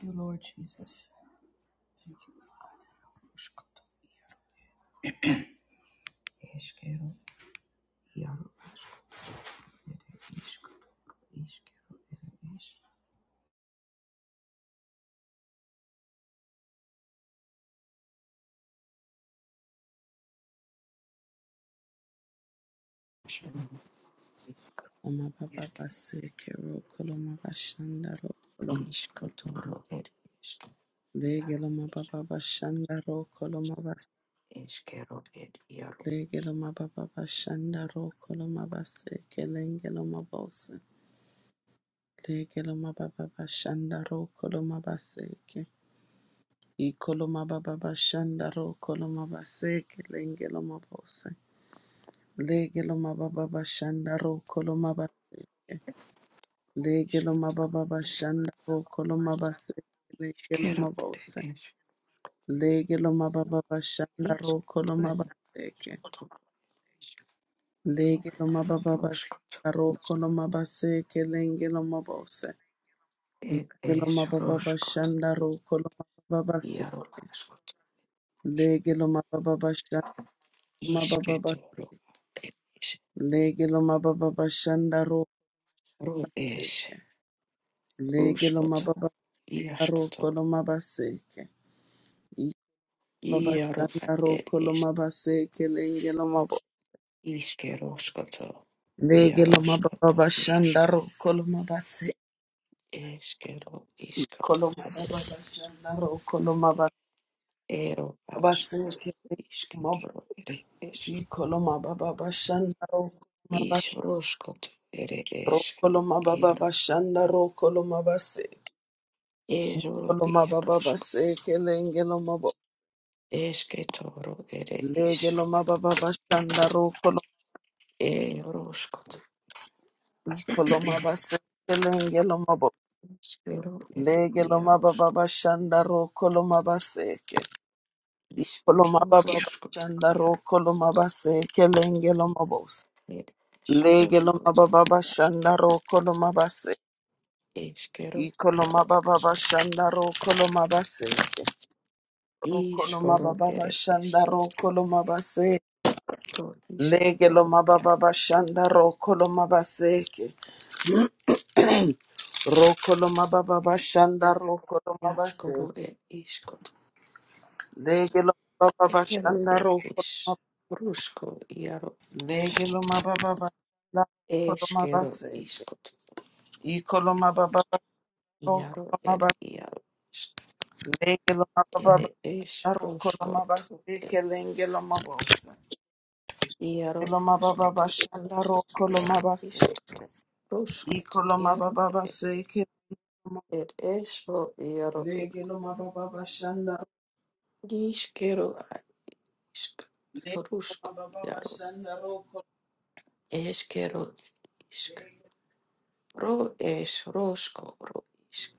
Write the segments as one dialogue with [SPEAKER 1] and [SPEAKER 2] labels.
[SPEAKER 1] Thank you, Lord Jesus. Thank you, Ishko. Ishkero, Yaro, Ere, Ishko, Ishkero, Ere, Ishko.
[SPEAKER 2] Amababa basekero koloma bashandaro koloma
[SPEAKER 1] Ishko, Toro, Ere, Ishko,
[SPEAKER 2] legelo
[SPEAKER 1] Yaro,
[SPEAKER 2] mababa bashandaro koloma bas
[SPEAKER 1] Ishkero, Ere, Yaro,
[SPEAKER 2] legelo mababa bashandaro koloma baseke lengelo mabose legelo mababa bashandaro koloma baseke ikoloma baba bashandaro koloma baseke lengelo mabose legelo mababa bashandaro koloma baseke legelo
[SPEAKER 1] Ishko,
[SPEAKER 2] mababa bashandaro koloma baseke lengelo
[SPEAKER 1] Ishkero,
[SPEAKER 2] mabose
[SPEAKER 1] Ere, Ishko,
[SPEAKER 2] Lege lo mababa bashanda
[SPEAKER 1] Ishko,
[SPEAKER 2] roko lo mabaseke.
[SPEAKER 1] Ishko, Toro, Ishko,
[SPEAKER 2] Lege lo mababa
[SPEAKER 1] Roshko,
[SPEAKER 2] bashanda
[SPEAKER 1] Toro,
[SPEAKER 2] roko lo mabaseke lenge lo mabose.
[SPEAKER 1] Ere,
[SPEAKER 2] Lege lo
[SPEAKER 1] Ishko,
[SPEAKER 2] mababa
[SPEAKER 1] Roshko, Toro,
[SPEAKER 2] bashanda roko lo mababase.
[SPEAKER 1] Yaro, Ashko, Toro,
[SPEAKER 2] Lege lo mababa bashanda mababa
[SPEAKER 1] Ishke,
[SPEAKER 2] bas-
[SPEAKER 1] Toro, Ere, Ishko,
[SPEAKER 2] Lege lo mababa bashanda roko
[SPEAKER 1] Ro, Ish,
[SPEAKER 2] seke. Lege lo
[SPEAKER 1] Roshko, Toro,
[SPEAKER 2] mababa roko
[SPEAKER 1] Iaskoto,
[SPEAKER 2] lo mabaseke. Iba
[SPEAKER 1] Iaro
[SPEAKER 2] bashanda
[SPEAKER 1] ad ed
[SPEAKER 2] roko lo
[SPEAKER 1] is
[SPEAKER 2] mabaseke lenge lo mabo.
[SPEAKER 1] Iskeroskoto,
[SPEAKER 2] Lege lo mababa
[SPEAKER 1] Iaroskoto,
[SPEAKER 2] bashanda
[SPEAKER 1] Iaske,
[SPEAKER 2] roko lo mabase.
[SPEAKER 1] Eskero, Iskoto,
[SPEAKER 2] Koloma baba
[SPEAKER 1] ed
[SPEAKER 2] bashandaro koloma baba
[SPEAKER 1] Ero askoto,
[SPEAKER 2] baseke mob
[SPEAKER 1] Isketoro, ed es,
[SPEAKER 2] i koloma baba bashandaro koloma baba
[SPEAKER 1] Isroskoto, ed
[SPEAKER 2] ro
[SPEAKER 1] eskero,
[SPEAKER 2] koloma baba
[SPEAKER 1] Iaro,
[SPEAKER 2] bashandaro koloma baseke
[SPEAKER 1] Ero
[SPEAKER 2] koloma baba
[SPEAKER 1] Iarosko,
[SPEAKER 2] baseke lenge loma bo
[SPEAKER 1] Esketoro, ed
[SPEAKER 2] lege
[SPEAKER 1] is,
[SPEAKER 2] loma baba bashandaro koloma
[SPEAKER 1] Eroskoto,
[SPEAKER 2] i koloma baseke lenge loma bo
[SPEAKER 1] Iskero, ed
[SPEAKER 2] lege loma baba
[SPEAKER 1] Iarosko,
[SPEAKER 2] bashandaro koloma baseke koloma baba
[SPEAKER 1] Isketoroskoto,
[SPEAKER 2] bashandaro
[SPEAKER 1] Iaro,
[SPEAKER 2] koloma baseke lenge loma bo
[SPEAKER 1] ed
[SPEAKER 2] Lege lo
[SPEAKER 1] Isroskoto.
[SPEAKER 2] mababa shanda ro kolo mabase.
[SPEAKER 1] Eskero
[SPEAKER 2] Iko lo
[SPEAKER 1] yaro
[SPEAKER 2] mababa shanda ro kolo mabase. Ro kolo
[SPEAKER 1] iskoro
[SPEAKER 2] mababa
[SPEAKER 1] ere
[SPEAKER 2] shanda ro
[SPEAKER 1] esketoro
[SPEAKER 2] kolo mabase. Lege lo
[SPEAKER 1] isketoro yaro
[SPEAKER 2] mababa shanda ro kolo mabase. Ro kolo mababa shanda ro kolo mabase.
[SPEAKER 1] yaskoro ed iskot
[SPEAKER 2] Lege lo mababa
[SPEAKER 1] ero
[SPEAKER 2] shanda
[SPEAKER 1] ed
[SPEAKER 2] ro kolo
[SPEAKER 1] is
[SPEAKER 2] mabase.
[SPEAKER 1] rusko yaro
[SPEAKER 2] Lege lo mababa shanda ro kolo
[SPEAKER 1] eskero
[SPEAKER 2] mabase.
[SPEAKER 1] iskot
[SPEAKER 2] Iko lo mababa ro
[SPEAKER 1] yaro
[SPEAKER 2] kolo
[SPEAKER 1] ed
[SPEAKER 2] mabase.
[SPEAKER 1] yaro is-
[SPEAKER 2] Lege lo mababa
[SPEAKER 1] ere es
[SPEAKER 2] Daroko
[SPEAKER 1] rusko to
[SPEAKER 2] lomabase
[SPEAKER 1] ed is
[SPEAKER 2] kelenge lomabose.
[SPEAKER 1] yaro
[SPEAKER 2] Lomababa
[SPEAKER 1] skot
[SPEAKER 2] bashanda roko
[SPEAKER 1] yaro
[SPEAKER 2] lomabase.
[SPEAKER 1] isk ruskot
[SPEAKER 2] Iko
[SPEAKER 1] yaro
[SPEAKER 2] lomababa
[SPEAKER 1] ere
[SPEAKER 2] base kelenge
[SPEAKER 1] ed es ro yaro ed
[SPEAKER 2] lege lomababa bashanda
[SPEAKER 1] iskero a isk
[SPEAKER 2] lege
[SPEAKER 1] rusko
[SPEAKER 2] lomababa bashanda roko
[SPEAKER 1] Eskero isk. Ro es rosko ro isk.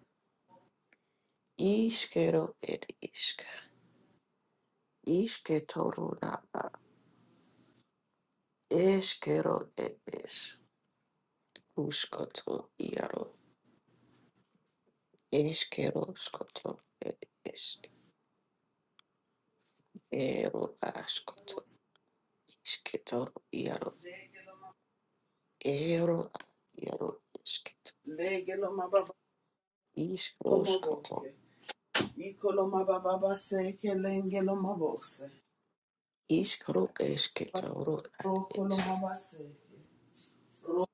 [SPEAKER 1] Iskero et isk. Iske toru nana. Eskero et es. Uskoto iaro. Eskero skoto et isk. Ero askoto. Iske toru iaro.
[SPEAKER 2] lege
[SPEAKER 1] Ero a iaro esketo.
[SPEAKER 2] lege lomababa
[SPEAKER 1] Isk
[SPEAKER 2] lomaboke.
[SPEAKER 1] roskoto.
[SPEAKER 2] Iko lomababa base kelenge lomabose.
[SPEAKER 1] Isk ro esketoru at
[SPEAKER 2] Roko
[SPEAKER 1] es.
[SPEAKER 2] lomabase. Roko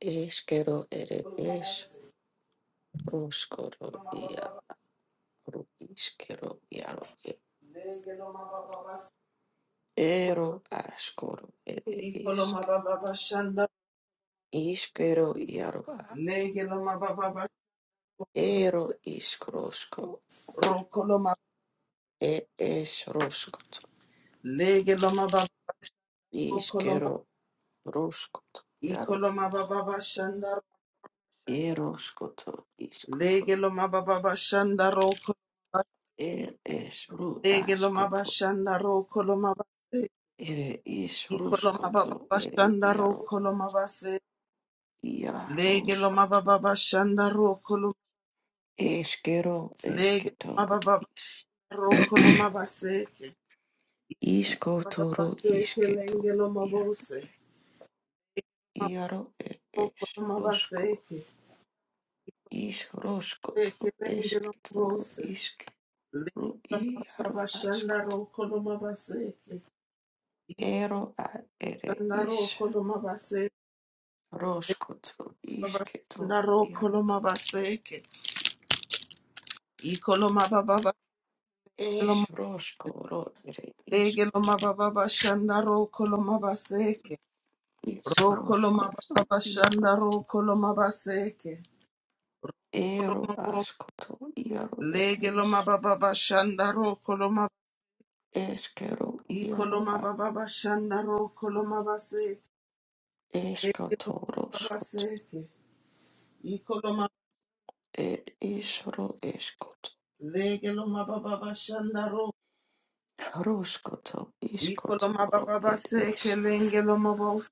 [SPEAKER 1] Eskero et es.
[SPEAKER 2] lomabase.
[SPEAKER 1] Roskoro iaro.
[SPEAKER 2] Lomababa
[SPEAKER 1] Ro iskero iaro e-
[SPEAKER 2] lege lomababa base.
[SPEAKER 1] ero askoro ere
[SPEAKER 2] Iko
[SPEAKER 1] isk
[SPEAKER 2] lomababa bashanda
[SPEAKER 1] iskero iaro a
[SPEAKER 2] lege
[SPEAKER 1] ero iskrosko
[SPEAKER 2] Rokoloma
[SPEAKER 1] e es roskoto
[SPEAKER 2] legeloma baba rokoloma
[SPEAKER 1] iskero roskoto iaro
[SPEAKER 2] ikoloma baba shanda
[SPEAKER 1] ero skoto iskoto
[SPEAKER 2] legeloma baba shanda rokoloma
[SPEAKER 1] er es ru
[SPEAKER 2] legeloma baba
[SPEAKER 1] askoto
[SPEAKER 2] shanda rokoloma base
[SPEAKER 1] ere is
[SPEAKER 2] ikoloma baba
[SPEAKER 1] roskoto ere
[SPEAKER 2] shanda
[SPEAKER 1] iaro
[SPEAKER 2] rokoloma base
[SPEAKER 1] ia
[SPEAKER 2] legeloma
[SPEAKER 1] roskoto
[SPEAKER 2] baba shanda rokoloma
[SPEAKER 1] eskero esketoro
[SPEAKER 2] legeloma baba
[SPEAKER 1] is
[SPEAKER 2] rokoloma base baba
[SPEAKER 1] iskotoro
[SPEAKER 2] base kelengeloma
[SPEAKER 1] isketoro
[SPEAKER 2] bose
[SPEAKER 1] Iaro e es
[SPEAKER 2] rokoloma base
[SPEAKER 1] rosko,
[SPEAKER 2] ke
[SPEAKER 1] is rosco to
[SPEAKER 2] legeloma
[SPEAKER 1] escitoro
[SPEAKER 2] bose
[SPEAKER 1] isque,
[SPEAKER 2] Legelo
[SPEAKER 1] ru iaro ascot, ero a ere is rosco to iscitoro iaro, es rosco ro ere iscot, is roskoto. to iaro, ero ascoto iaro ere is, esquero iaro a, escoto roscot, er is ro eskot.
[SPEAKER 2] Legelo mababa shandaro.
[SPEAKER 1] Roskoto,
[SPEAKER 2] Ikolo
[SPEAKER 1] iskotoro,
[SPEAKER 2] mababa
[SPEAKER 1] ed
[SPEAKER 2] se
[SPEAKER 1] es,
[SPEAKER 2] kelengelo mabos.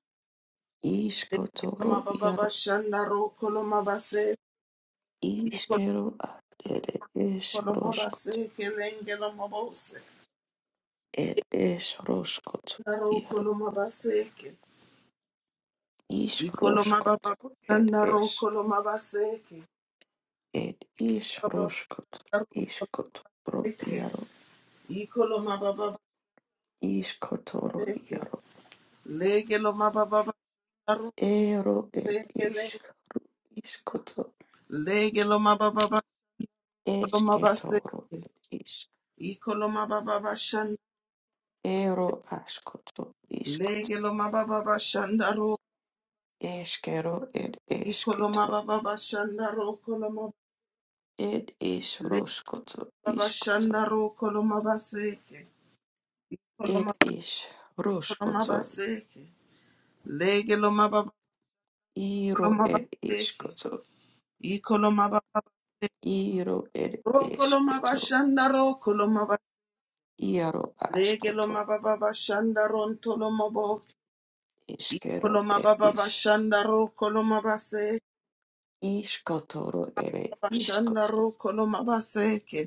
[SPEAKER 2] Legelo
[SPEAKER 1] iskotoro,
[SPEAKER 2] mababa
[SPEAKER 1] iaro,
[SPEAKER 2] shandaro kolo mabase. Ikolo
[SPEAKER 1] iskero, ad ed es,
[SPEAKER 2] kolo
[SPEAKER 1] roskot,
[SPEAKER 2] mabase kelengelo mabos.
[SPEAKER 1] ed es, roskot,
[SPEAKER 2] Daro
[SPEAKER 1] iaro,
[SPEAKER 2] kolo mabase ke.
[SPEAKER 1] isk,
[SPEAKER 2] Ikolo
[SPEAKER 1] roskot,
[SPEAKER 2] mababa
[SPEAKER 1] ed
[SPEAKER 2] shandaro
[SPEAKER 1] es,
[SPEAKER 2] kolo mabase ke.
[SPEAKER 1] ed is,
[SPEAKER 2] Baba
[SPEAKER 1] roskot,
[SPEAKER 2] daro kolo
[SPEAKER 1] iskotoro,
[SPEAKER 2] ke.
[SPEAKER 1] iaro,
[SPEAKER 2] Ikolo mababa
[SPEAKER 1] iskotoro,
[SPEAKER 2] se ke.
[SPEAKER 1] iaro,
[SPEAKER 2] Legelo mababa daro
[SPEAKER 1] ero,
[SPEAKER 2] se
[SPEAKER 1] ed
[SPEAKER 2] keleng.
[SPEAKER 1] isk, iskoto,
[SPEAKER 2] Legelo mababa kolo mabase.
[SPEAKER 1] esketoro, ed is,
[SPEAKER 2] Ikoloma baba bashanda
[SPEAKER 1] ero, askoto, iskot,
[SPEAKER 2] legeloma baba bashanda ro
[SPEAKER 1] eskero, ed
[SPEAKER 2] ikoloma
[SPEAKER 1] eskito,
[SPEAKER 2] baba bashanda ro koloma
[SPEAKER 1] It is
[SPEAKER 2] le
[SPEAKER 1] roskoto,
[SPEAKER 2] baba
[SPEAKER 1] iskoto.
[SPEAKER 2] shanda ro koloma baseke ikoloma
[SPEAKER 1] It is
[SPEAKER 2] koloma
[SPEAKER 1] roskoto,
[SPEAKER 2] baseke legeloma baba
[SPEAKER 1] iro
[SPEAKER 2] koloma
[SPEAKER 1] ed
[SPEAKER 2] baseke
[SPEAKER 1] iskoto.
[SPEAKER 2] ikoloma baba
[SPEAKER 1] Iro ed
[SPEAKER 2] ro koloma
[SPEAKER 1] esketo,
[SPEAKER 2] bashanda ro koloma ba
[SPEAKER 1] iaro
[SPEAKER 2] legeloma
[SPEAKER 1] askoto.
[SPEAKER 2] baba bashanda ron toloma bo
[SPEAKER 1] Iskero
[SPEAKER 2] ikoloma
[SPEAKER 1] ed
[SPEAKER 2] baba
[SPEAKER 1] is.
[SPEAKER 2] bashanda ro koloma baseke
[SPEAKER 1] Iskotoro ere
[SPEAKER 2] bashanda ro
[SPEAKER 1] iskoto.
[SPEAKER 2] koloma baseke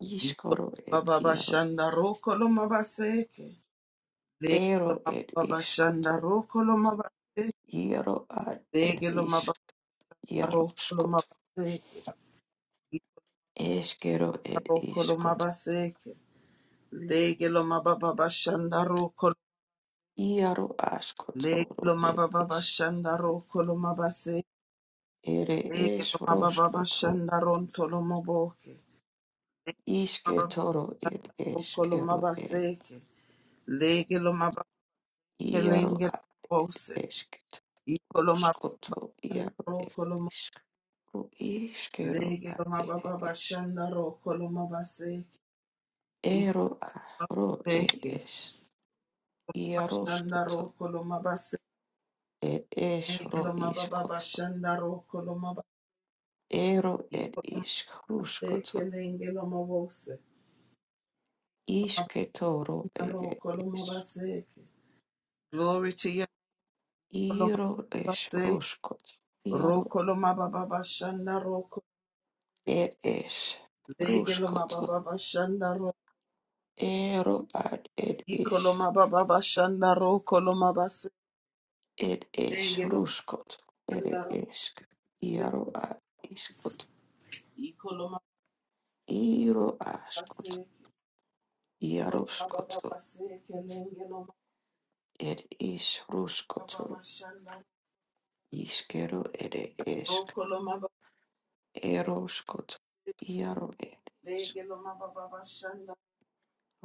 [SPEAKER 1] Iskoro ed
[SPEAKER 2] Baba
[SPEAKER 1] iaro.
[SPEAKER 2] Shanda Rokoloma Baseke,
[SPEAKER 1] Ero
[SPEAKER 2] Legeloma
[SPEAKER 1] ed
[SPEAKER 2] Baba Shanda
[SPEAKER 1] iskoto.
[SPEAKER 2] Rokoloma
[SPEAKER 1] Iaro ad ed
[SPEAKER 2] legelo
[SPEAKER 1] is.
[SPEAKER 2] mababa Baba
[SPEAKER 1] Iaro
[SPEAKER 2] Rokoloma
[SPEAKER 1] skoto.
[SPEAKER 2] Baseke,
[SPEAKER 1] Eskero ed
[SPEAKER 2] Rokoloma
[SPEAKER 1] iskoto.
[SPEAKER 2] Baseke, Legeloma Baba Shanda Rokol,
[SPEAKER 1] Iaro
[SPEAKER 2] legelo
[SPEAKER 1] askotoro ed
[SPEAKER 2] mababa
[SPEAKER 1] is.
[SPEAKER 2] Shanda Rokoloma Baseke,
[SPEAKER 1] Ere es
[SPEAKER 2] Legeloma Baba
[SPEAKER 1] roskoto,
[SPEAKER 2] Shanda Rontoloma Boke, Legeloma Baba
[SPEAKER 1] isketoro ir
[SPEAKER 2] Shanda Rokoloma
[SPEAKER 1] eskero e,
[SPEAKER 2] Baseke, Legeloma Baba
[SPEAKER 1] iaro
[SPEAKER 2] Kelenge
[SPEAKER 1] a
[SPEAKER 2] Bose,
[SPEAKER 1] esket,
[SPEAKER 2] Ikoloma
[SPEAKER 1] skoto iaro e,
[SPEAKER 2] bashandaro koloma
[SPEAKER 1] iskro iskero
[SPEAKER 2] lege
[SPEAKER 1] a
[SPEAKER 2] loma baba
[SPEAKER 1] ere es,
[SPEAKER 2] bashandaro koloma baseke ikoloma
[SPEAKER 1] ero a ro ed
[SPEAKER 2] baseke
[SPEAKER 1] es, iaro
[SPEAKER 2] bashandaro
[SPEAKER 1] skoto,
[SPEAKER 2] koloma baseke
[SPEAKER 1] ed es
[SPEAKER 2] lege
[SPEAKER 1] ro
[SPEAKER 2] loma baba
[SPEAKER 1] iskoto,
[SPEAKER 2] bashandaro koloma ba
[SPEAKER 1] ero ed
[SPEAKER 2] ikoloma
[SPEAKER 1] isk
[SPEAKER 2] baseke
[SPEAKER 1] ruskoto,
[SPEAKER 2] lenge loma bose
[SPEAKER 1] isketoro
[SPEAKER 2] bashandaro
[SPEAKER 1] ere
[SPEAKER 2] koloma
[SPEAKER 1] es,
[SPEAKER 2] baseke glory to you koloma
[SPEAKER 1] iro es
[SPEAKER 2] baseke
[SPEAKER 1] roskoto,
[SPEAKER 2] ro
[SPEAKER 1] iaro
[SPEAKER 2] koloma baba bashandaro
[SPEAKER 1] ed es,
[SPEAKER 2] lege loma baba bashandaro
[SPEAKER 1] Ero ad ed ish,
[SPEAKER 2] ikoloma baba bashandaro koloma baseke
[SPEAKER 1] ed ish
[SPEAKER 2] lege
[SPEAKER 1] ruskot, ed isk, iaro ad iskot,
[SPEAKER 2] Ikoloma
[SPEAKER 1] iro askot,
[SPEAKER 2] babase, ikoloma
[SPEAKER 1] iaroskoto,
[SPEAKER 2] babase, kelenge loma
[SPEAKER 1] ed ish ruskoto,
[SPEAKER 2] babashanda,
[SPEAKER 1] iskero ed isk,
[SPEAKER 2] rokoloma
[SPEAKER 1] eroskot,
[SPEAKER 2] babase,
[SPEAKER 1] iaro ed isk,
[SPEAKER 2] lege loma babashanda,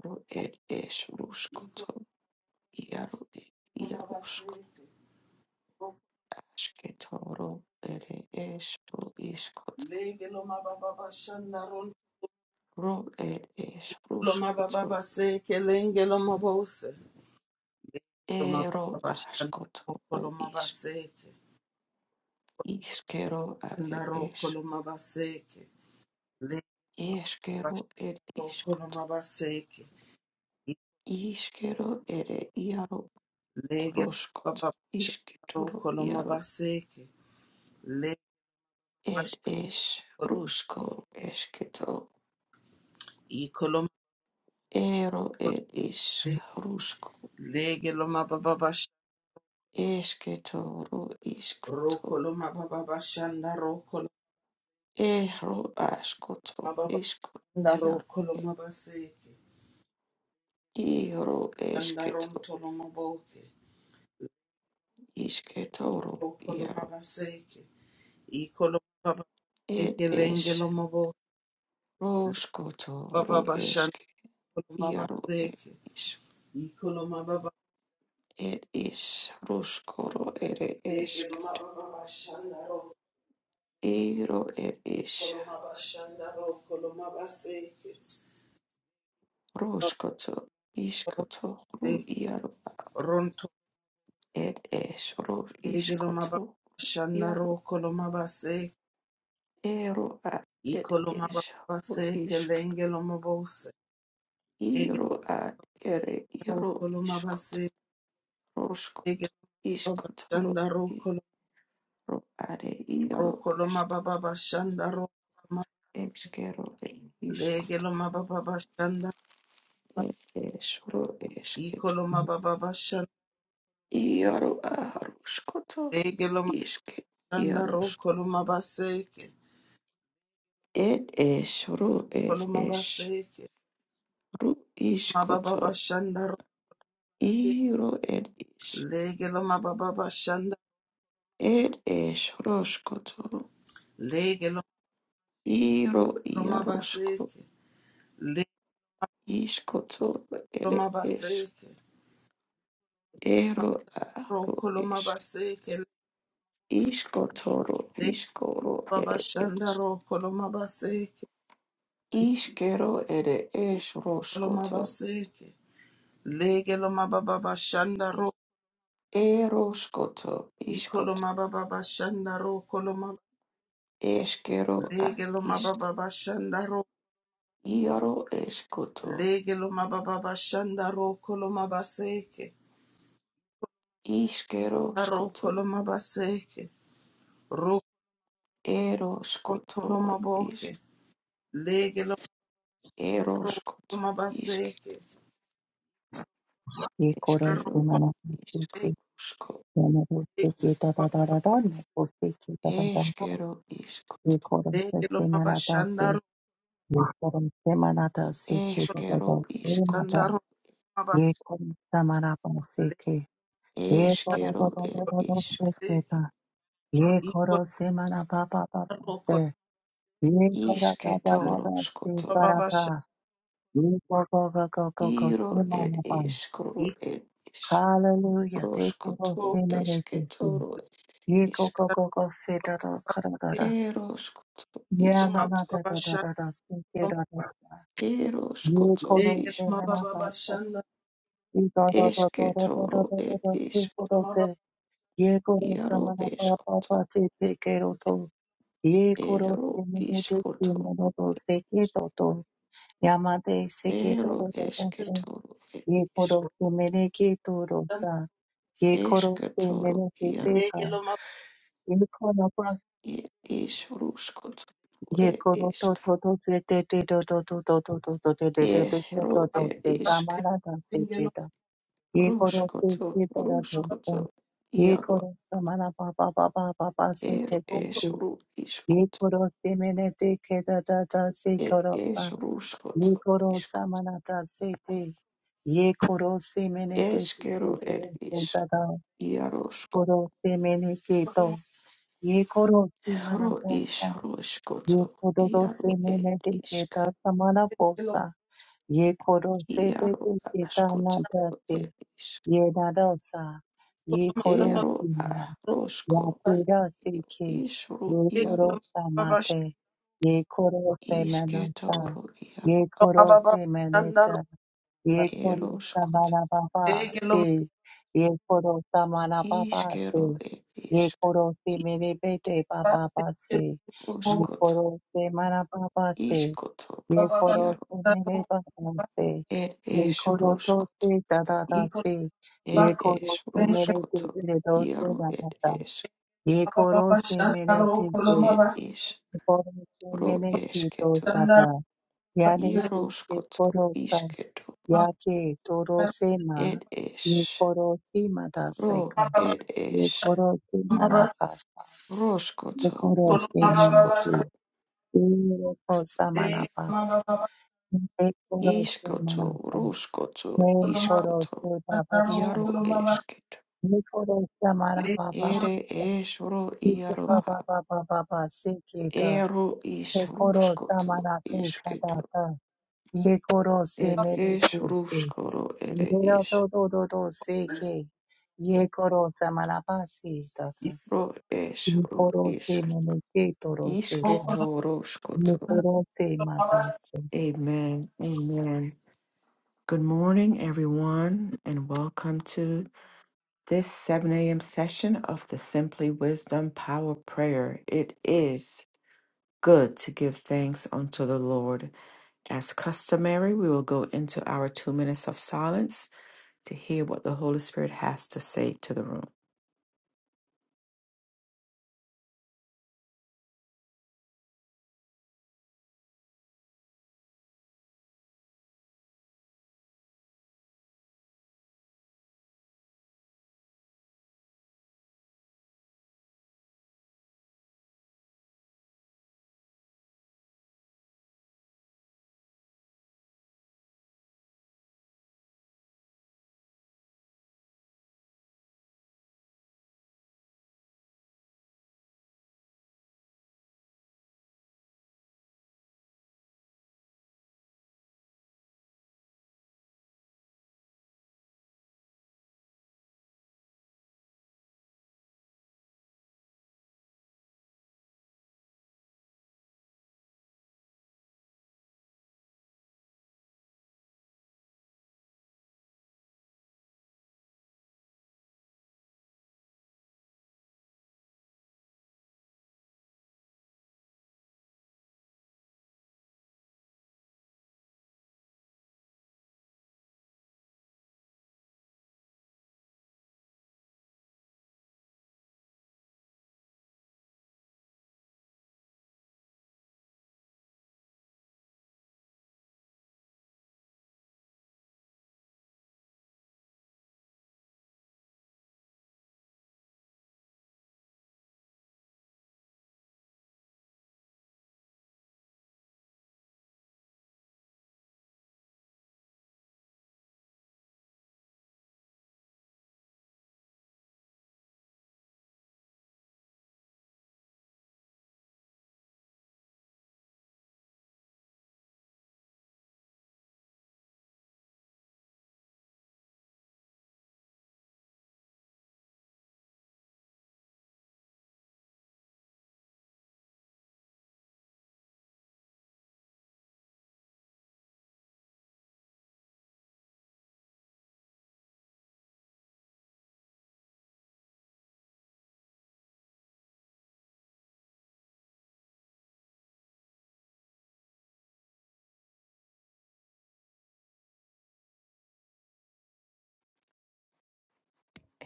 [SPEAKER 1] ro ed ish
[SPEAKER 2] ikoloma
[SPEAKER 1] ruskoto, iaro ed
[SPEAKER 2] babase,
[SPEAKER 1] iarosko, asketoro, ed ish ro iskoto,
[SPEAKER 2] lege loma babashanda,
[SPEAKER 1] ro ed ish
[SPEAKER 2] rokoloma
[SPEAKER 1] ruskoto,
[SPEAKER 2] babase, kelenge loma bose, loma
[SPEAKER 1] Ero
[SPEAKER 2] babashanda,
[SPEAKER 1] askoto
[SPEAKER 2] rokoloma
[SPEAKER 1] is
[SPEAKER 2] babase,
[SPEAKER 1] iskero
[SPEAKER 2] shanda
[SPEAKER 1] are es
[SPEAKER 2] rokoloma babase, lege
[SPEAKER 1] iskero er
[SPEAKER 2] rokoloma
[SPEAKER 1] iskoto
[SPEAKER 2] babase,
[SPEAKER 1] iskero ere iaro
[SPEAKER 2] lege loma
[SPEAKER 1] roskot
[SPEAKER 2] babashanda,
[SPEAKER 1] iskitoro
[SPEAKER 2] rokoloma
[SPEAKER 1] iaro
[SPEAKER 2] babase,
[SPEAKER 1] ed es rusko esketo
[SPEAKER 2] Ikoloma
[SPEAKER 1] ero ed is rusko
[SPEAKER 2] lege loma baba basha
[SPEAKER 1] esketoro iskoto
[SPEAKER 2] rokoloma baba bashanda rokoloma
[SPEAKER 1] ero askoto
[SPEAKER 2] baba
[SPEAKER 1] isko
[SPEAKER 2] nda
[SPEAKER 1] iaro ed
[SPEAKER 2] rokoloma baseke
[SPEAKER 1] iaro
[SPEAKER 2] shanda
[SPEAKER 1] esketo
[SPEAKER 2] rontoloma boke
[SPEAKER 1] isketoro
[SPEAKER 2] rokoloma
[SPEAKER 1] iaro
[SPEAKER 2] baseke ikoloma baba
[SPEAKER 1] Ed
[SPEAKER 2] eke lenge
[SPEAKER 1] ish
[SPEAKER 2] loma bo le
[SPEAKER 1] roshkoto
[SPEAKER 2] baba
[SPEAKER 1] ro
[SPEAKER 2] bashanda
[SPEAKER 1] ishk
[SPEAKER 2] koloma
[SPEAKER 1] yaro ed
[SPEAKER 2] baseke
[SPEAKER 1] ish
[SPEAKER 2] ikoloma baba
[SPEAKER 1] ed ish roshkoro ere
[SPEAKER 2] lege
[SPEAKER 1] ishk
[SPEAKER 2] loma baba bashanda
[SPEAKER 1] ero ed ish
[SPEAKER 2] rokoloma bashanda rokoloma baseke
[SPEAKER 1] roshkoto ishkoto ru
[SPEAKER 2] baseke
[SPEAKER 1] yaro ed ish ro
[SPEAKER 2] Egelomaba
[SPEAKER 1] ishkoto yaro
[SPEAKER 2] Shandaro Kolomabase,
[SPEAKER 1] ero ad ed ish ro
[SPEAKER 2] Ecolomabase,
[SPEAKER 1] ishk
[SPEAKER 2] Kelengelomabose, Egero
[SPEAKER 1] ero ad ere yaro ishkoto
[SPEAKER 2] Kolomabase,
[SPEAKER 1] roshkoto
[SPEAKER 2] Egelomaba
[SPEAKER 1] ishkoto ro
[SPEAKER 2] Shandaro
[SPEAKER 1] ero ad yaro ishk
[SPEAKER 2] Kolomababa Shandaro
[SPEAKER 1] Eskero iskoto
[SPEAKER 2] Legelomababa Shanda,
[SPEAKER 1] eskero esketo
[SPEAKER 2] Ecolomababa Shanda,
[SPEAKER 1] iaro aruskoto iske iarus
[SPEAKER 2] Egelomabandaro Kolomabaseke,
[SPEAKER 1] ed esro ed esru
[SPEAKER 2] Kolomabaseke,
[SPEAKER 1] iskoto
[SPEAKER 2] Mababa Shandaro,
[SPEAKER 1] iro ed is
[SPEAKER 2] Legelomababa Shanda,
[SPEAKER 1] ed esroskoto iro iarusko
[SPEAKER 2] Legelomabaseke.
[SPEAKER 1] iskoto ed es
[SPEAKER 2] Kolomabaseke,
[SPEAKER 1] ero aru es
[SPEAKER 2] Rokolomabaseke,
[SPEAKER 1] iskotoro
[SPEAKER 2] Le
[SPEAKER 1] iskoro ed es
[SPEAKER 2] Babashanda Rokolomabaseke,
[SPEAKER 1] Ishkero ere esh roshkoto.
[SPEAKER 2] Ikolomabaseke, Legelomababashanda Ro,
[SPEAKER 1] Eroshkoto ishkoto.
[SPEAKER 2] Ikolomababashanda Ro, Kolomab,
[SPEAKER 1] Eshkero a isk
[SPEAKER 2] Legelomababashanda Ro,
[SPEAKER 1] Iaro eskoto
[SPEAKER 2] Legelomababashanda Ro, Kolomabaseke,
[SPEAKER 1] Ishkero
[SPEAKER 2] Ro
[SPEAKER 1] skoto
[SPEAKER 2] Kolomabaseke, Ro
[SPEAKER 1] eroskoto is
[SPEAKER 2] Kolomaboke, Legelomabaseke, Ro
[SPEAKER 1] eroskoto isk
[SPEAKER 2] Kolomabaseke,
[SPEAKER 3] We koro se
[SPEAKER 1] Eshkero
[SPEAKER 3] mana se
[SPEAKER 1] isk
[SPEAKER 3] ke
[SPEAKER 1] Shko.
[SPEAKER 3] mana se ke da da da da da ne se ke da da da.
[SPEAKER 1] Eshkero
[SPEAKER 3] We
[SPEAKER 1] iskoto
[SPEAKER 3] koro se
[SPEAKER 2] Legelo
[SPEAKER 3] se
[SPEAKER 2] maba
[SPEAKER 3] mana da se
[SPEAKER 2] shandaro
[SPEAKER 3] koro se mana da se ke da
[SPEAKER 2] kolo
[SPEAKER 3] da da
[SPEAKER 1] Eshkero
[SPEAKER 3] se
[SPEAKER 1] iskoto
[SPEAKER 3] mana.
[SPEAKER 2] shandaro maba
[SPEAKER 3] Ye koro se mana pa se ye
[SPEAKER 2] legelo
[SPEAKER 3] koro da
[SPEAKER 1] Eshkero
[SPEAKER 3] da da
[SPEAKER 1] ed
[SPEAKER 2] kolo
[SPEAKER 3] da da
[SPEAKER 1] ishk.
[SPEAKER 3] se
[SPEAKER 2] seke
[SPEAKER 3] Ye
[SPEAKER 2] iko
[SPEAKER 3] koro se mana pa pa pa
[SPEAKER 2] naro
[SPEAKER 3] pa se.
[SPEAKER 2] kolo
[SPEAKER 3] Ye koro da da da
[SPEAKER 1] Ishketoro
[SPEAKER 3] da se
[SPEAKER 2] leba
[SPEAKER 1] skoto
[SPEAKER 3] kara
[SPEAKER 2] baba shandaro
[SPEAKER 3] Ye koko koko go
[SPEAKER 1] Iro
[SPEAKER 3] se
[SPEAKER 1] ed
[SPEAKER 3] mana pa.
[SPEAKER 1] eshkro ed isk.
[SPEAKER 3] Hallelujah. Te koro
[SPEAKER 2] iko
[SPEAKER 1] Roskoto
[SPEAKER 3] se mere se.
[SPEAKER 1] esketoro
[SPEAKER 3] Ye go
[SPEAKER 1] isk
[SPEAKER 3] go go go se da da kara da da.
[SPEAKER 1] eroskoto
[SPEAKER 3] Ye
[SPEAKER 2] legelo
[SPEAKER 3] na
[SPEAKER 2] maba
[SPEAKER 3] na
[SPEAKER 1] iskoto
[SPEAKER 3] da
[SPEAKER 2] baba
[SPEAKER 3] da da da
[SPEAKER 2] shandaro
[SPEAKER 3] da se ke da da Ye
[SPEAKER 1] eroskoto
[SPEAKER 3] koro
[SPEAKER 2] legelo
[SPEAKER 3] se me
[SPEAKER 2] maba
[SPEAKER 1] iskoto
[SPEAKER 3] na pa
[SPEAKER 2] baba
[SPEAKER 3] se.
[SPEAKER 2] shandaro
[SPEAKER 3] Ye da da da da da da da
[SPEAKER 1] esketoro
[SPEAKER 3] da da
[SPEAKER 1] et
[SPEAKER 3] da
[SPEAKER 1] is
[SPEAKER 3] se
[SPEAKER 2] kolo
[SPEAKER 3] koro
[SPEAKER 2] maba
[SPEAKER 3] se. Ye koro se me
[SPEAKER 1] iaro
[SPEAKER 3] na pa pa pa
[SPEAKER 1] eskoto
[SPEAKER 3] se te ke ro to. Ye koro
[SPEAKER 1] ero
[SPEAKER 3] se me ne te se
[SPEAKER 1] iskoto
[SPEAKER 3] me no to se ke to to. Yama te se ke to
[SPEAKER 1] ero
[SPEAKER 3] ro da da
[SPEAKER 2] legelo
[SPEAKER 3] se.
[SPEAKER 1] esketoro et
[SPEAKER 3] Ye
[SPEAKER 1] is
[SPEAKER 3] koro se me ne ke to ro
[SPEAKER 2] roshan
[SPEAKER 3] sa. Ye koro se me
[SPEAKER 1] esketoro
[SPEAKER 3] ne ke te
[SPEAKER 1] iaro
[SPEAKER 3] ka.
[SPEAKER 2] legelo maba
[SPEAKER 1] et is ruskoto
[SPEAKER 3] ये
[SPEAKER 1] et
[SPEAKER 3] koro तो
[SPEAKER 1] isk
[SPEAKER 3] तो तो ते ते ते तो तो तो तो तो to to ते te te ते to
[SPEAKER 1] ero
[SPEAKER 3] to to
[SPEAKER 1] et
[SPEAKER 3] te
[SPEAKER 2] baba
[SPEAKER 1] isk
[SPEAKER 3] gamara da se
[SPEAKER 2] singelo
[SPEAKER 3] ke da ye koro te
[SPEAKER 1] ruskoto
[SPEAKER 3] ke da ra do
[SPEAKER 2] maba
[SPEAKER 3] sa
[SPEAKER 1] ruskoto
[SPEAKER 3] ye
[SPEAKER 1] iaro
[SPEAKER 3] koro ta mana pa pa pa pa pa दा se
[SPEAKER 1] er
[SPEAKER 3] te
[SPEAKER 2] roko
[SPEAKER 3] te
[SPEAKER 1] es
[SPEAKER 3] te
[SPEAKER 1] ru
[SPEAKER 3] ye
[SPEAKER 1] iskoto
[SPEAKER 3] koro te me ne te ke ते da da se
[SPEAKER 1] It
[SPEAKER 3] koro
[SPEAKER 1] is
[SPEAKER 3] pa
[SPEAKER 1] ruskot
[SPEAKER 3] ye koro sa
[SPEAKER 1] iskot.
[SPEAKER 3] mana da se te ye koro se me
[SPEAKER 1] Eskero it is iarosko.
[SPEAKER 2] kolo maba
[SPEAKER 1] Ro is
[SPEAKER 3] Ye
[SPEAKER 1] roskoto.
[SPEAKER 3] kororo se
[SPEAKER 1] Iaro
[SPEAKER 3] mene
[SPEAKER 1] it
[SPEAKER 3] de
[SPEAKER 1] isk.
[SPEAKER 3] keta samana
[SPEAKER 2] legelo
[SPEAKER 3] posa. Ye koro se te te
[SPEAKER 1] Iaro
[SPEAKER 3] keta na
[SPEAKER 1] askoto
[SPEAKER 3] te.
[SPEAKER 1] it is.
[SPEAKER 3] Ye na dosa. Ye
[SPEAKER 2] kolo maba
[SPEAKER 3] koro
[SPEAKER 2] baba
[SPEAKER 1] Ero a
[SPEAKER 2] roka
[SPEAKER 1] rosko.
[SPEAKER 3] Yakuda Siki,
[SPEAKER 1] Isru
[SPEAKER 2] legelo
[SPEAKER 3] Yekoro
[SPEAKER 1] iaro
[SPEAKER 2] maba baba
[SPEAKER 3] Samate, Yekoro Semanata,
[SPEAKER 1] isketoro iaro.
[SPEAKER 2] shandaro maba
[SPEAKER 3] Yekoro
[SPEAKER 2] baba shandaro
[SPEAKER 3] Semaneta, Yekoro
[SPEAKER 1] Eroskot.
[SPEAKER 3] Samanababa,
[SPEAKER 2] legelo maba
[SPEAKER 3] Si, Yekoro Samanababa,
[SPEAKER 1] Iskero
[SPEAKER 3] Si,
[SPEAKER 1] it is.
[SPEAKER 3] Yekoro Semenebete Baba,
[SPEAKER 2] baba singelo
[SPEAKER 3] Si,
[SPEAKER 1] Roskot.
[SPEAKER 3] Yekoro Semanababa, Si,
[SPEAKER 1] Iskoto
[SPEAKER 2] maba baba
[SPEAKER 3] Yekoro
[SPEAKER 1] iaro.
[SPEAKER 2] shandaro
[SPEAKER 3] Semenebaba, Si,
[SPEAKER 1] It is
[SPEAKER 3] Yekoro
[SPEAKER 1] roskot.
[SPEAKER 3] Tosi Dada, Si,
[SPEAKER 1] It
[SPEAKER 3] Yekoro
[SPEAKER 1] is Ruskoto,
[SPEAKER 3] Semenebete
[SPEAKER 1] Yaro it
[SPEAKER 3] Dosu
[SPEAKER 1] is,
[SPEAKER 3] ये कोरो से मेरे थे के
[SPEAKER 1] it is
[SPEAKER 3] कोरो से
[SPEAKER 1] Ro
[SPEAKER 3] मेरे के तो
[SPEAKER 1] esketo,
[SPEAKER 3] साता या ने थे के
[SPEAKER 1] Yaroskoto,
[SPEAKER 3] कोरो सा
[SPEAKER 1] Isketo,
[SPEAKER 3] या के तोरो से मा
[SPEAKER 1] it
[SPEAKER 3] ये
[SPEAKER 1] is
[SPEAKER 3] कोरो सी मदा से
[SPEAKER 1] Ro
[SPEAKER 3] को
[SPEAKER 1] it
[SPEAKER 3] ये
[SPEAKER 1] is
[SPEAKER 3] कोरो से मना पासा ये
[SPEAKER 1] Roskoto,
[SPEAKER 3] कोरो
[SPEAKER 1] Ru
[SPEAKER 3] से मना से
[SPEAKER 1] iskoto,
[SPEAKER 3] ये को सा मना पापा ये कोरो से मना
[SPEAKER 1] Iskoto,
[SPEAKER 3] पा
[SPEAKER 1] Ruskoto,
[SPEAKER 3] ये कोरो
[SPEAKER 1] Iskoto,
[SPEAKER 3] से पापा पापा
[SPEAKER 1] Yaro
[SPEAKER 3] पापा
[SPEAKER 1] esketo, Ere es Ro Yaro a, Ero is
[SPEAKER 3] ये कोरो
[SPEAKER 1] Ruskoto,
[SPEAKER 3] तमारा तू
[SPEAKER 1] Isketo,
[SPEAKER 3] खदाता ये कोरो से
[SPEAKER 1] it
[SPEAKER 3] मेरे
[SPEAKER 1] is
[SPEAKER 3] तू से
[SPEAKER 1] Ruskoro, ere
[SPEAKER 3] मेरा
[SPEAKER 1] is.
[SPEAKER 3] तो तो तो तो से के ये कोरो तमारा पासी दाता
[SPEAKER 1] Ro ish,
[SPEAKER 3] ये
[SPEAKER 1] ro
[SPEAKER 3] कोरो
[SPEAKER 1] ish,
[SPEAKER 3] से मेरे के तोरो से ता,
[SPEAKER 1] ishketo,
[SPEAKER 3] ये
[SPEAKER 1] roshkoto.
[SPEAKER 3] कोरो से माता से
[SPEAKER 1] Amen. Amen. Good morning, everyone, and welcome to this 7 a.m. session of the Simply Wisdom Power Prayer. It is good to give thanks unto the Lord. As customary, we will go into our two minutes of silence to hear what the Holy Spirit has to say to the room.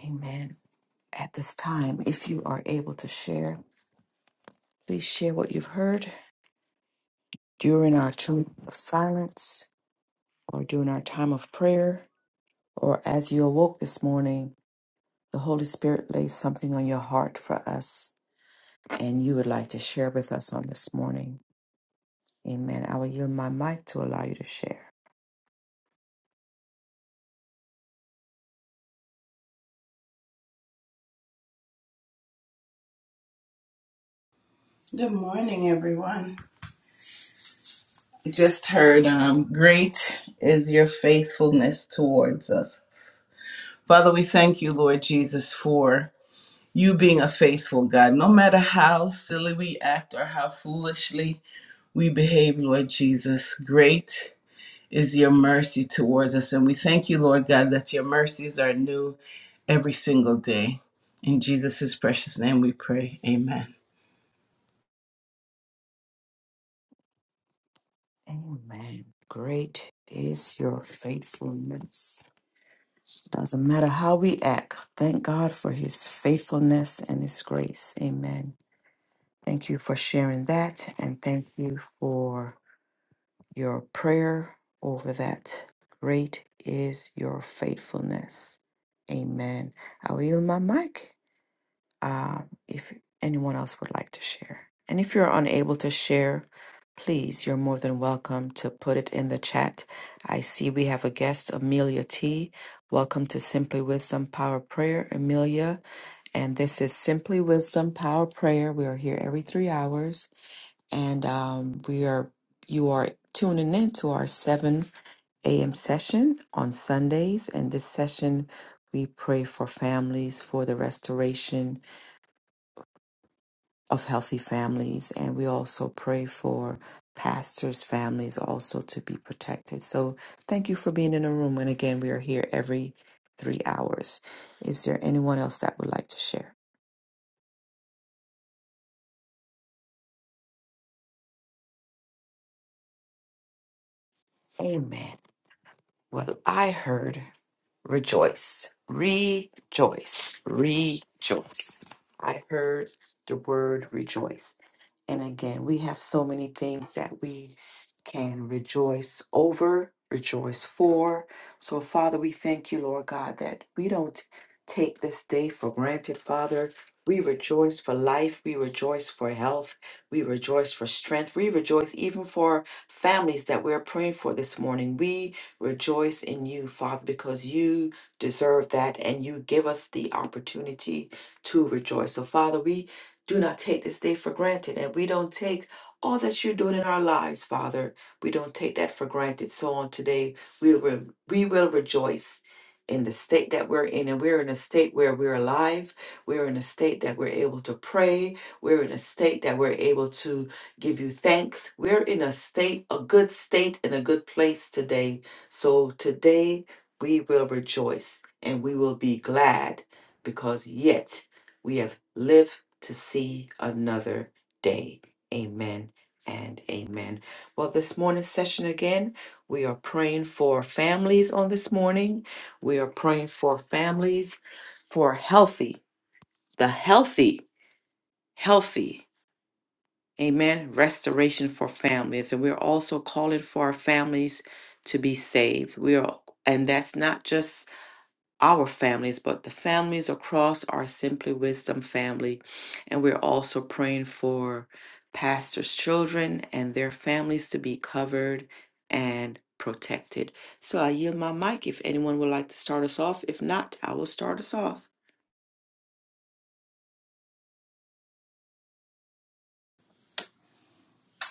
[SPEAKER 1] Amen. At this time, if you are able to share, please share what you've heard during our time of silence or during our time of prayer or as you awoke this morning, the Holy Spirit laid something on your heart for us and you would like to share with us on this morning. Amen. I will yield my mic to allow you to share.
[SPEAKER 2] Good morning, everyone. I just heard, um, great is your faithfulness towards us. Father, we thank you, Lord Jesus, for you being a faithful God. No matter how silly we act or how foolishly we behave, Lord Jesus, great is your mercy towards us. And we thank you, Lord God, that your mercies are new every single day. In Jesus' precious name we pray. Amen.
[SPEAKER 1] Amen. Great is your faithfulness. Doesn't matter how we act, thank God for his faithfulness and his grace. Amen. Thank you for sharing that and thank you for your prayer over that. Great is your faithfulness. Amen. I will yield my mic uh, if anyone else would like to share. And if you're unable to share, please, you're more than welcome to put it in the chat. I see we have a guest, Amelia T. Welcome to Simply Wisdom Power Prayer, Amelia. And this is Simply Wisdom Power Prayer. We are here every three hours and um, we are you are tuning in to our 7 a.m session on sundays and this session we pray for families for the restoration of healthy families and we also pray for pastors families also to be protected so thank you for being in the room and again we are here every three hours is there anyone else that would like to share amen well i heard rejoice, rejoice, rejoice. I heard the word rejoice. And again, we have so many things that we can rejoice over, rejoice for. So, Father, we thank you, Lord God, that we don't take this day for granted, Father. We rejoice for life. We rejoice for health. We rejoice for strength. We rejoice even for families that we're praying for this morning. We rejoice in you, Father, because you deserve that and you give us the opportunity to rejoice. So, Father, we do not take this day for granted and we don't take all that you're doing in our lives, Father. We don't take that for granted. So, on today, we will, we will rejoice. In the state that we're in, and we're in a state where we're alive, we're in a state that we're able to pray, we're in a state that we're able to give you thanks. We're in a state, a good state, in a good place today so today we will rejoice and we will be glad because yet we have lived to see another day. Amen and amen. Well, this morning's session again, we are praying for families on this morning. We are praying for families for healthy, the healthy, healthy Amen. Restoration for families. And we're also calling for our families to be saved. We are, and that's not just our families, but the families across our Simply Wisdom family. And we're also praying for pastors' children and their families to be covered and protected. So I yield my mic if anyone would like to start us off. If not, I will start us off.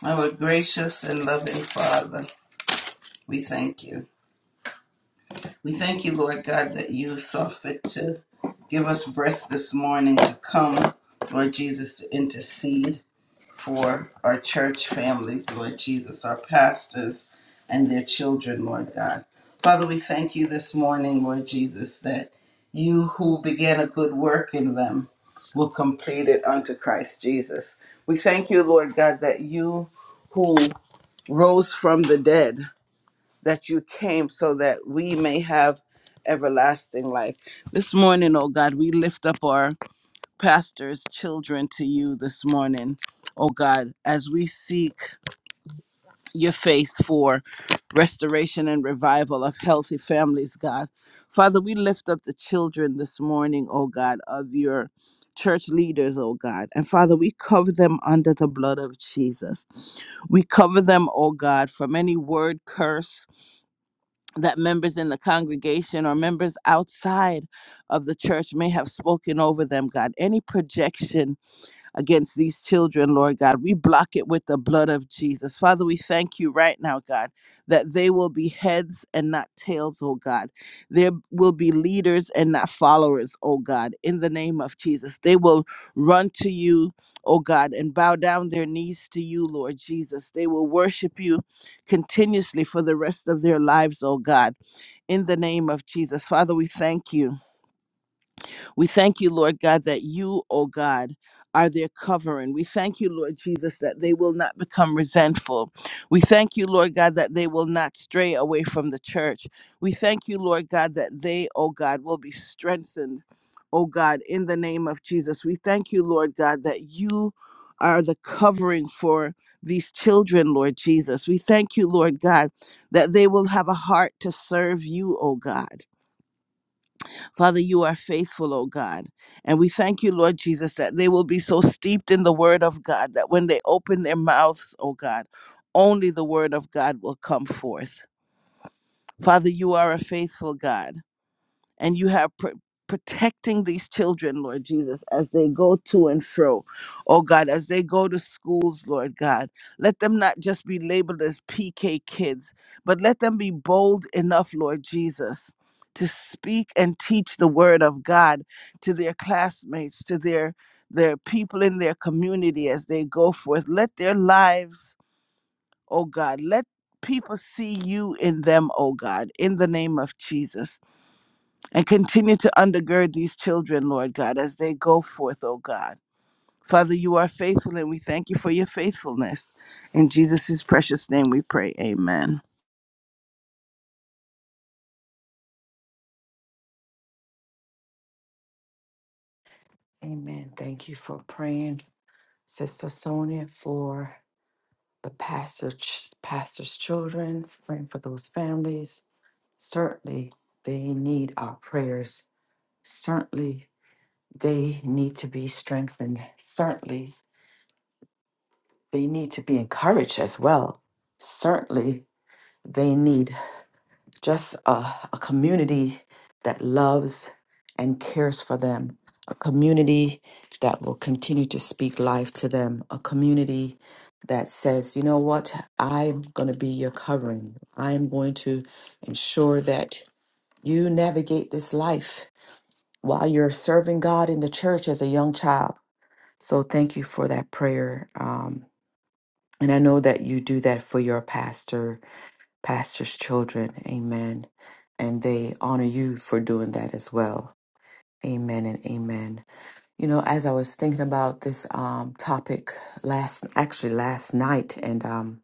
[SPEAKER 2] Our gracious and loving Father, we thank you. We thank you, Lord God, that you saw fit to give us breath this morning to come, Lord Jesus, to intercede for our church families, Lord Jesus, our pastors and their children, Lord God. Father, we thank you this morning, Lord Jesus, that you who began a good work in them will complete it unto Christ Jesus. We thank you, Lord God, that you who rose from the dead, that you came so that we may have everlasting life. This morning, oh God, we lift up our pastor's children to you this morning, oh God, as we seek your face for restoration and revival of healthy families, God. Father, we lift up the children this morning, oh God, of your church leaders, oh God. And Father, we cover them under the blood of Jesus. We cover them, oh God, from any word curse that members in the congregation or members outside of the church may have spoken over them, God. Any projection against these children, Lord God. We block it with the blood of Jesus. Father, we thank you right now, God, that they will be heads and not tails, oh God. There will be leaders and not followers, oh God, in the name of Jesus. They will run to you, oh God, and bow down their knees to you, Lord Jesus. They will worship you continuously for the rest of their lives, oh God, in the name of Jesus. Father, we thank you. We thank you, Lord God, that you, O God, are their covering. We thank you, Lord Jesus, that they will not become resentful. We thank you, Lord God, that they will not stray away from the church. We thank you, Lord God, that they, O God, will be strengthened, O God, in the name of Jesus. We thank you, Lord God, that you are the covering for these children, Lord Jesus. We thank you, Lord God, that they will have a heart to serve you, O God. Father, you are faithful, O God. And we thank you, Lord Jesus, that they will be so steeped in the word of God that when they open their mouths, O God, only the word of God will come forth. Father, you are a faithful God and you have pr- protecting these children, Lord Jesus, as they go to and fro. Oh God, as they go to schools, Lord God, let them not just be labeled as PK kids, but let them be bold enough, Lord Jesus. To speak and teach the word of God to their classmates, to their their people in their community as they go forth. Let their lives, oh God, let people see you in them, oh God, in the name of Jesus and continue to undergird these children, Lord God, as they go forth, O God. Father, you are faithful, and we thank you for your faithfulness. In Jesus' precious name we pray. Amen.
[SPEAKER 1] Amen. Thank you for praying, Sister Sonia, for the pastor, ch- pastor's children, praying for those families. Certainly, they need our prayers. Certainly, they need to be strengthened. Certainly, they need to be encouraged as well. Certainly, they need just a, a community that loves and cares for them, a community that will continue to speak life to them, a community that says, you know what, I'm going to be your covering. I'm going to ensure that you navigate this life while you're serving God in the church as a young child. So thank you for that prayer. Um, and I know that you do that for your pastor pastor's children. Amen. And they honor you for doing that as well. Amen and amen. You know, as I was thinking about this um, topic last, actually last night, and um,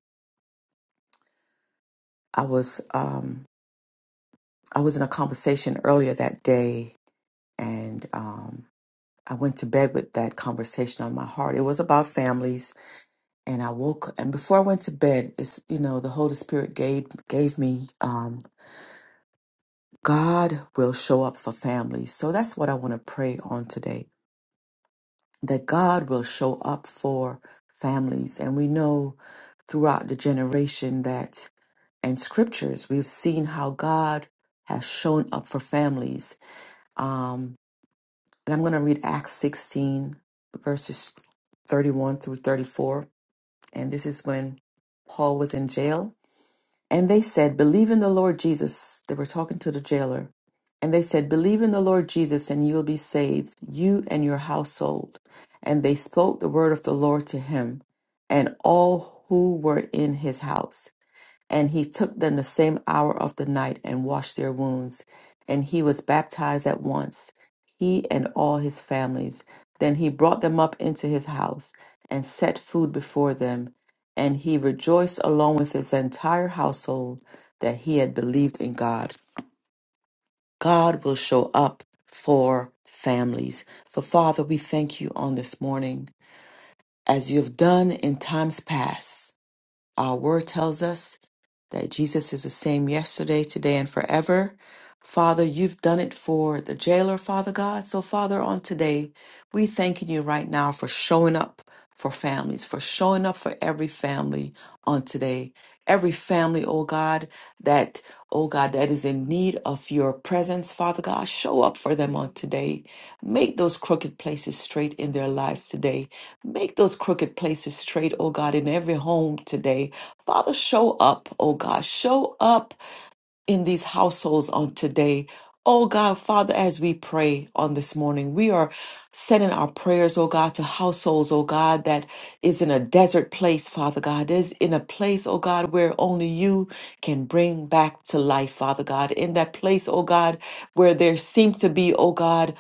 [SPEAKER 1] I was um, I was in a conversation earlier that day, and um, I went to bed with that conversation on my heart. It was about families, and I woke. And before I went to bed, it's you know the Holy Spirit gave gave me. Um, God will show up for families. So that's what I want to pray on today that God will show up for families. And we know throughout the generation that, and scriptures, we've seen how God has shown up for families. Um, and I'm going to read Acts 16, verses 31 through 34. And this is when Paul was in jail And they said, Believe in the Lord Jesus. They were talking to the jailer. And they said, Believe in the Lord Jesus, and you'll be saved, you and your household. And they spoke the word of the Lord to him and all who were in his house. And he took them the same hour of the night and washed their wounds. And he was baptized at once, he and all his families. Then he brought them up into his house and set food before them. And he rejoiced along with his entire household that he had believed in God. God will show up for families. So, Father, we thank you on this morning as you have done in times past. Our word tells us that Jesus is the same yesterday, today, and forever. Father, you've done it for the jailer, Father God. So, Father, on today, we thanking you right now for showing up for families, for showing up for every family on today. Every family, oh God, that, oh God, that is in need of your presence, Father God, show up for them on today. Make those crooked places straight in their lives today. Make those crooked places straight, oh God, in every home today. Father, show up, oh God. Show up in these households on today. Oh God, Father, as we pray on this morning, we are sending our prayers, oh God, to households, oh God, that is in a desert place, Father God, is in a place, oh God, where only you can bring back to life, Father God. In that place, oh God, where there seem to be, oh God,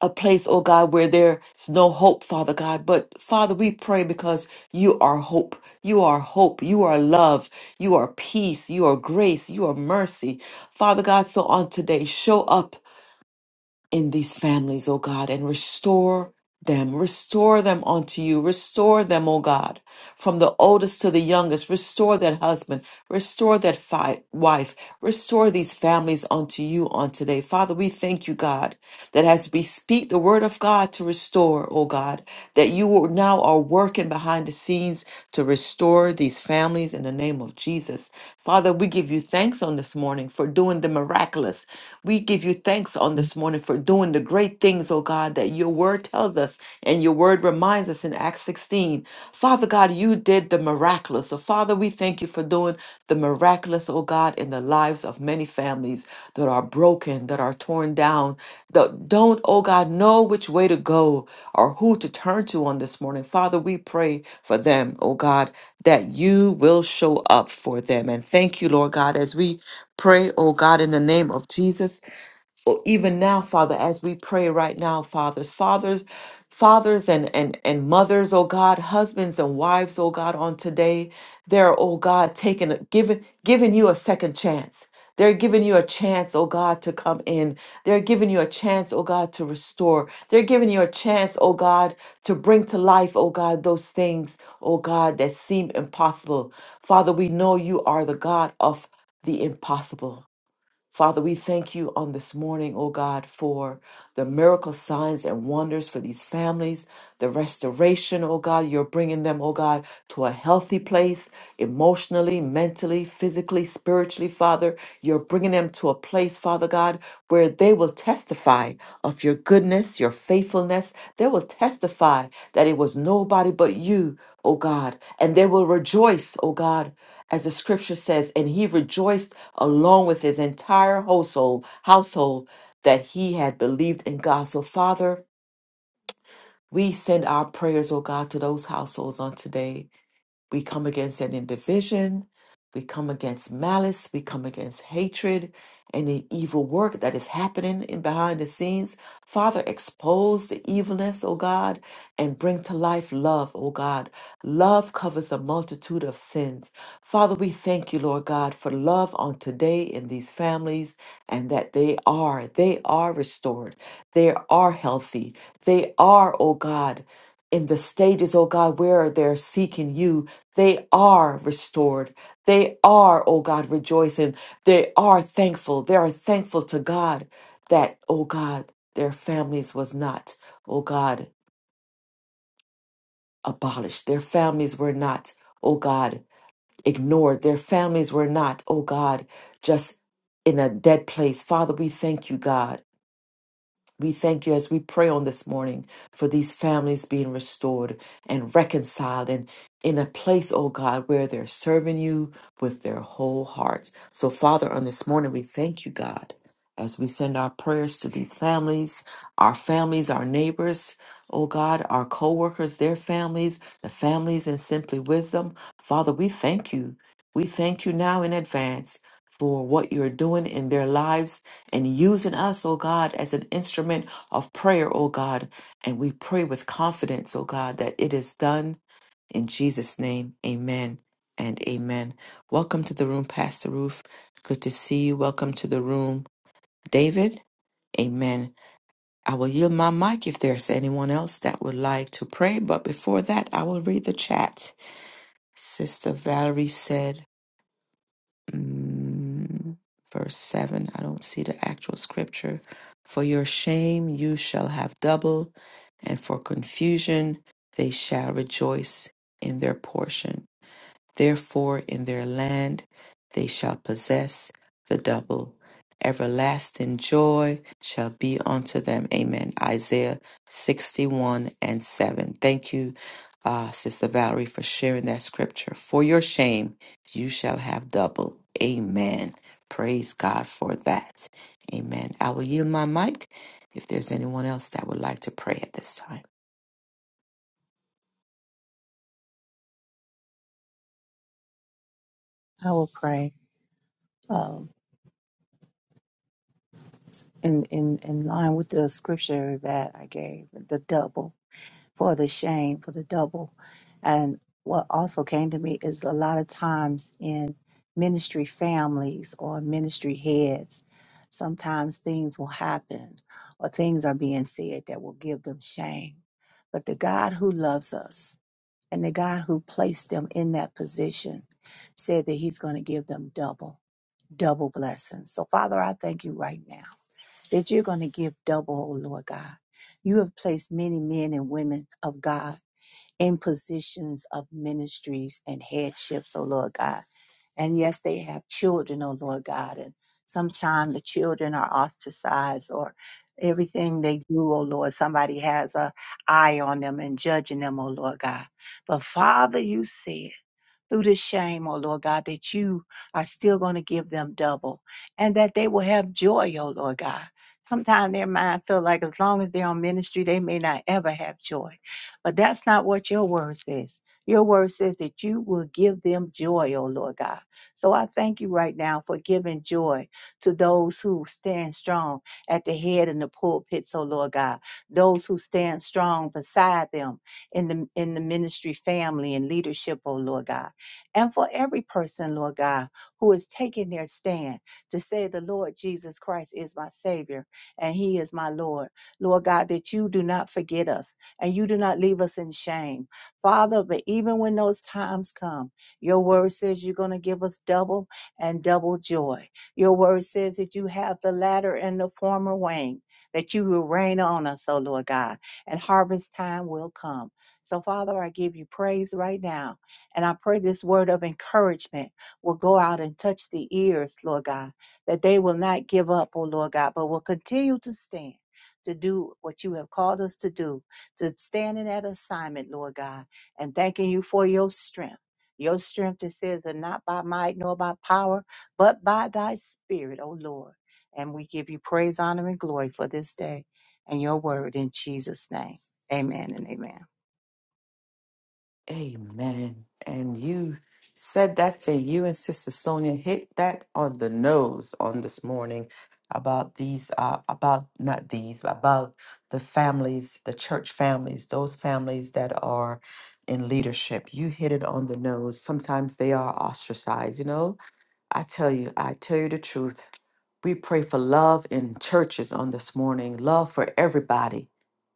[SPEAKER 1] a place, oh God, where there's no hope, Father God. But Father, we pray because you are hope. You are hope. You are love. You are peace. You are grace. You are mercy. Father God, so on today, show up in these families, oh God, and restore them. Restore them unto you. Restore them, oh God, from the oldest to the youngest. Restore that husband. Restore that fi- wife. Restore these families unto you on today. Father, we thank you, God that as we speak the word of God to restore, oh God, that you are- now are working behind the scenes to restore these families in the name of Jesus. Father, we give you thanks on this morning for doing the miraculous. We give you thanks on this morning for doing the great things, oh God, that your word tells us and your word word reminds us in Acts 16. Father God, you did the miraculous. So, Father, we thank you for doing the miraculous, oh God, in the lives of many families that are broken, that are torn down, that don't, oh God, know which way to go or who to turn to on this morning. Father, we pray for them, oh God, that you will show up for them. And thank you, Lord God, as we pray, oh God, in the name of Jesus or even now, Father, as we pray right now, fathers, fathers, fathers and, and, and mothers, oh God, husbands and wives, oh God, on today, they're, oh God, taking, a- giving, giving you a second chance. They're giving you a chance, oh God, to come in. They're giving you a chance, oh God, to restore. They're giving you a chance, oh God, to bring to life, oh God, those things, oh God, that seem impossible. Father, we know you are the God of the impossible. Father, we thank you on this morning, oh God, for the miracle signs and wonders for these families, the restoration, oh God. You're bringing them, oh God, to a healthy place emotionally, mentally, physically, spiritually, Father. You're bringing them to a place, Father God, where they will testify of your goodness, your faithfulness. They will testify that it was nobody but you, oh God, and they will rejoice, oh God, as the scripture says, and he rejoiced along with his entire household household that he had believed in God. So Father, we send our prayers, oh God, to those households on today. We come against any division. We come against malice. We come against hatred and the evil work that is happening in behind the scenes. Father, expose the evilness, O God, and bring to life love, O God. Love covers a multitude of sins. Father, we thank you, Lord God, for love on today in these families and that they are, they are restored. They are healthy. They are, O God in the stages, oh God, where they're seeking you, they are restored. They are, oh God, rejoicing. They are thankful. They are thankful to God that, oh God, their families was not, oh God, abolished. Their families were not, oh God, ignored. Their families were not, oh God, just in a dead place. Father, we thank you, God. We thank you as we pray on this morning for these families being restored and reconciled and in a place, oh God, where they're serving you with their whole hearts. So, Father, on this morning, we thank you, God, as we send our prayers to these families, our families, our neighbors, oh God, our co workers, their families, the families in Simply Wisdom. Father, we thank you. We thank you now in advance for what you're doing in their lives and using us, oh God, as an instrument of prayer, oh God. And we pray with confidence, oh God, that it is done in Jesus' name. Amen and amen. Welcome to the room, Pastor Roof. Good to see you. Welcome to the room, David. Amen. I will yield my mic if there's anyone else that would like to pray. But before that, I will read the chat. Sister Valerie said, mm, verse 7. I don't see the actual scripture. For your shame you shall have double, and for confusion they shall rejoice in their portion. Therefore, in their land they shall possess the double. Everlasting joy shall be unto them. Amen. Isaiah 61 and 7. Thank you, uh, Sister Valerie, for sharing that scripture. For your shame, you shall have double. Amen. Praise God for that. Amen. I will yield my mic if there's anyone else that would like to pray at this time.
[SPEAKER 3] I will pray um, in, in, in line with the scripture that I gave, the double. for the shame, for the double. And what also came to me is a lot of times in ministry families or ministry heads, sometimes things will happen or things are being said that will give them shame. But the God who loves us and the God who placed them in that position said that He's going to give them double, double blessings. So, Father, I thank you right now that you're going to give double, oh Lord God. You have placed many men and women of God in positions of ministries and headships, oh Lord God. And yes, they have children, oh Lord God. And sometimes the children are ostracized or everything they do, oh Lord, somebody has a eye on them and judging them, oh Lord God. But Father, you said through this shame, oh Lord God, that you are still going to give them double and that they will have joy, oh Lord God. Sometimes their mind feel like as long as they're on ministry, they may not ever have joy. But that's not what your word says. Your word says that you will give them joy, oh Lord God. So I thank you right now for giving joy to those who stand strong at the head and the pulpits, oh Lord God. Those who stand strong beside them in the in the ministry family and leadership, oh Lord God and for every person, Lord God, who is taking their stand to say, The Lord Jesus Christ is my Savior and He is my Lord. Lord God, that you do not forget us and you do not leave us in shame. Father, but even when those times come, your word says you're going to give us double and double joy. Your word says that you have the latter and the former wing, that you will rain on us, oh Lord God, and harvest time will come. So, Father, I give you praise right now and I pray this word of encouragement will go out and touch the ears, Lord God, that they will not give up, oh Lord God, but will continue to stand. To do what you have called us to do, to stand in that assignment, Lord God, and thanking you for your strength. Your strength, it says, and not by might nor by power, but by thy spirit, O Lord. And we give you praise, honor, and glory for this day and your word in Jesus' name. Amen and amen.
[SPEAKER 1] Amen. And you said that thing, you and Sister Sonia hit that on the nose on this morning about these, uh, about not these, but about the families, the church families, those families that are in leadership. You hit it on the nose. Sometimes they are ostracized, you know? I tell you, I tell you the truth. We pray for love in churches on this morning, love for everybody,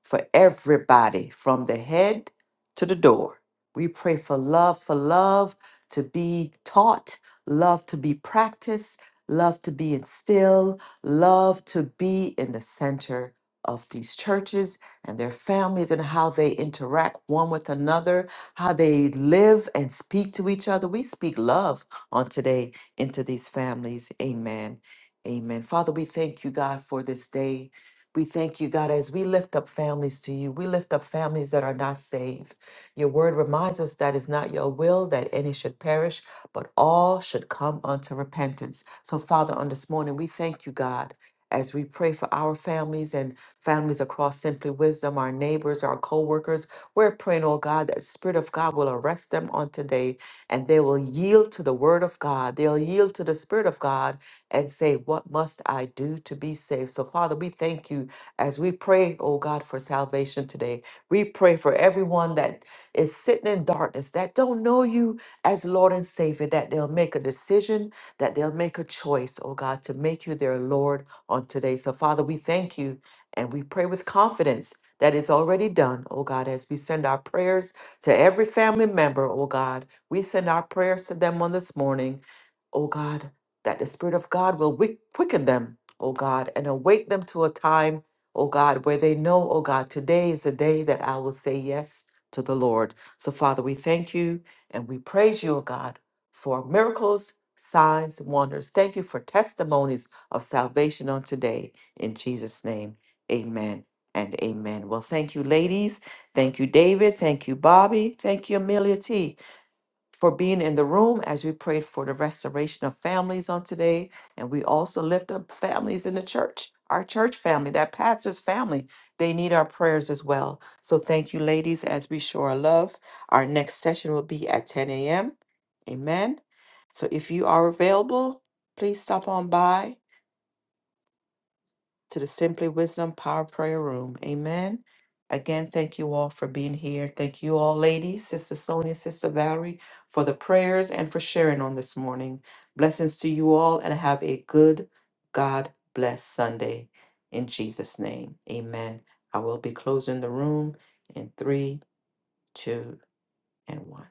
[SPEAKER 1] for everybody from the head to the door. We pray for love, for love to be taught, love to be practiced, love to be instilled, love to be in the center of these churches and their families and how they interact one with another, how they live and speak to each other. We speak love on today into these families. Amen. Amen. Father, we thank you, God, for this day. We thank you, God, as we lift up families to you. We lift up families that are not saved. Your word reminds us that it's not your will that any should perish, but all should come unto repentance. So, Father, on this morning, we thank you, God, as we pray for our families and families across Simply Wisdom, our neighbors, our co workers. We're praying, oh God, that Spirit of God will arrest them on today and they will yield to the Word of God. They'll yield to the Spirit of God and say, What must I do to be saved? So, Father, we thank you as we pray, oh God, for salvation today. We pray for everyone that is sitting in darkness, that don't know you as Lord and Savior, that they'll make a decision, that they'll make a choice, oh God, to make you their Lord on today. So, Father, we thank you and we pray with confidence that it's already done, oh God, as we send our prayers to every family member, oh God we send our prayers to them on this morning, oh God, that the Spirit of God will wick- quicken them, oh God, and awake them to a time, oh God, where they know, oh God, today is the day that I will say yes to the Lord. So, Father, we thank you and we praise you, oh God, for miracles, signs, wonders. Thank you for testimonies of salvation on today. In Jesus' name, amen and amen. Well, thank you, ladies. Thank you, David. Thank you, Bobby. Thank you, Amelia T for being in the room as we prayed for the restoration of families on today. And we also lift up families in the church, our church family, that pastor's family. They need our prayers as well. So thank you, ladies, as we show our love. Our next session will be at 10 a.m. Amen. So if you are available, please stop on by to the Simply Wisdom Power Prayer Room. Amen. Again, thank you all for being here. Thank you all, ladies, Sister Sonia, Sister Valerie, for the prayers and for sharing on this morning. Blessings to you all and have a good God bless Sunday. In Jesus' name, amen. I will be closing the room in three, two, and one.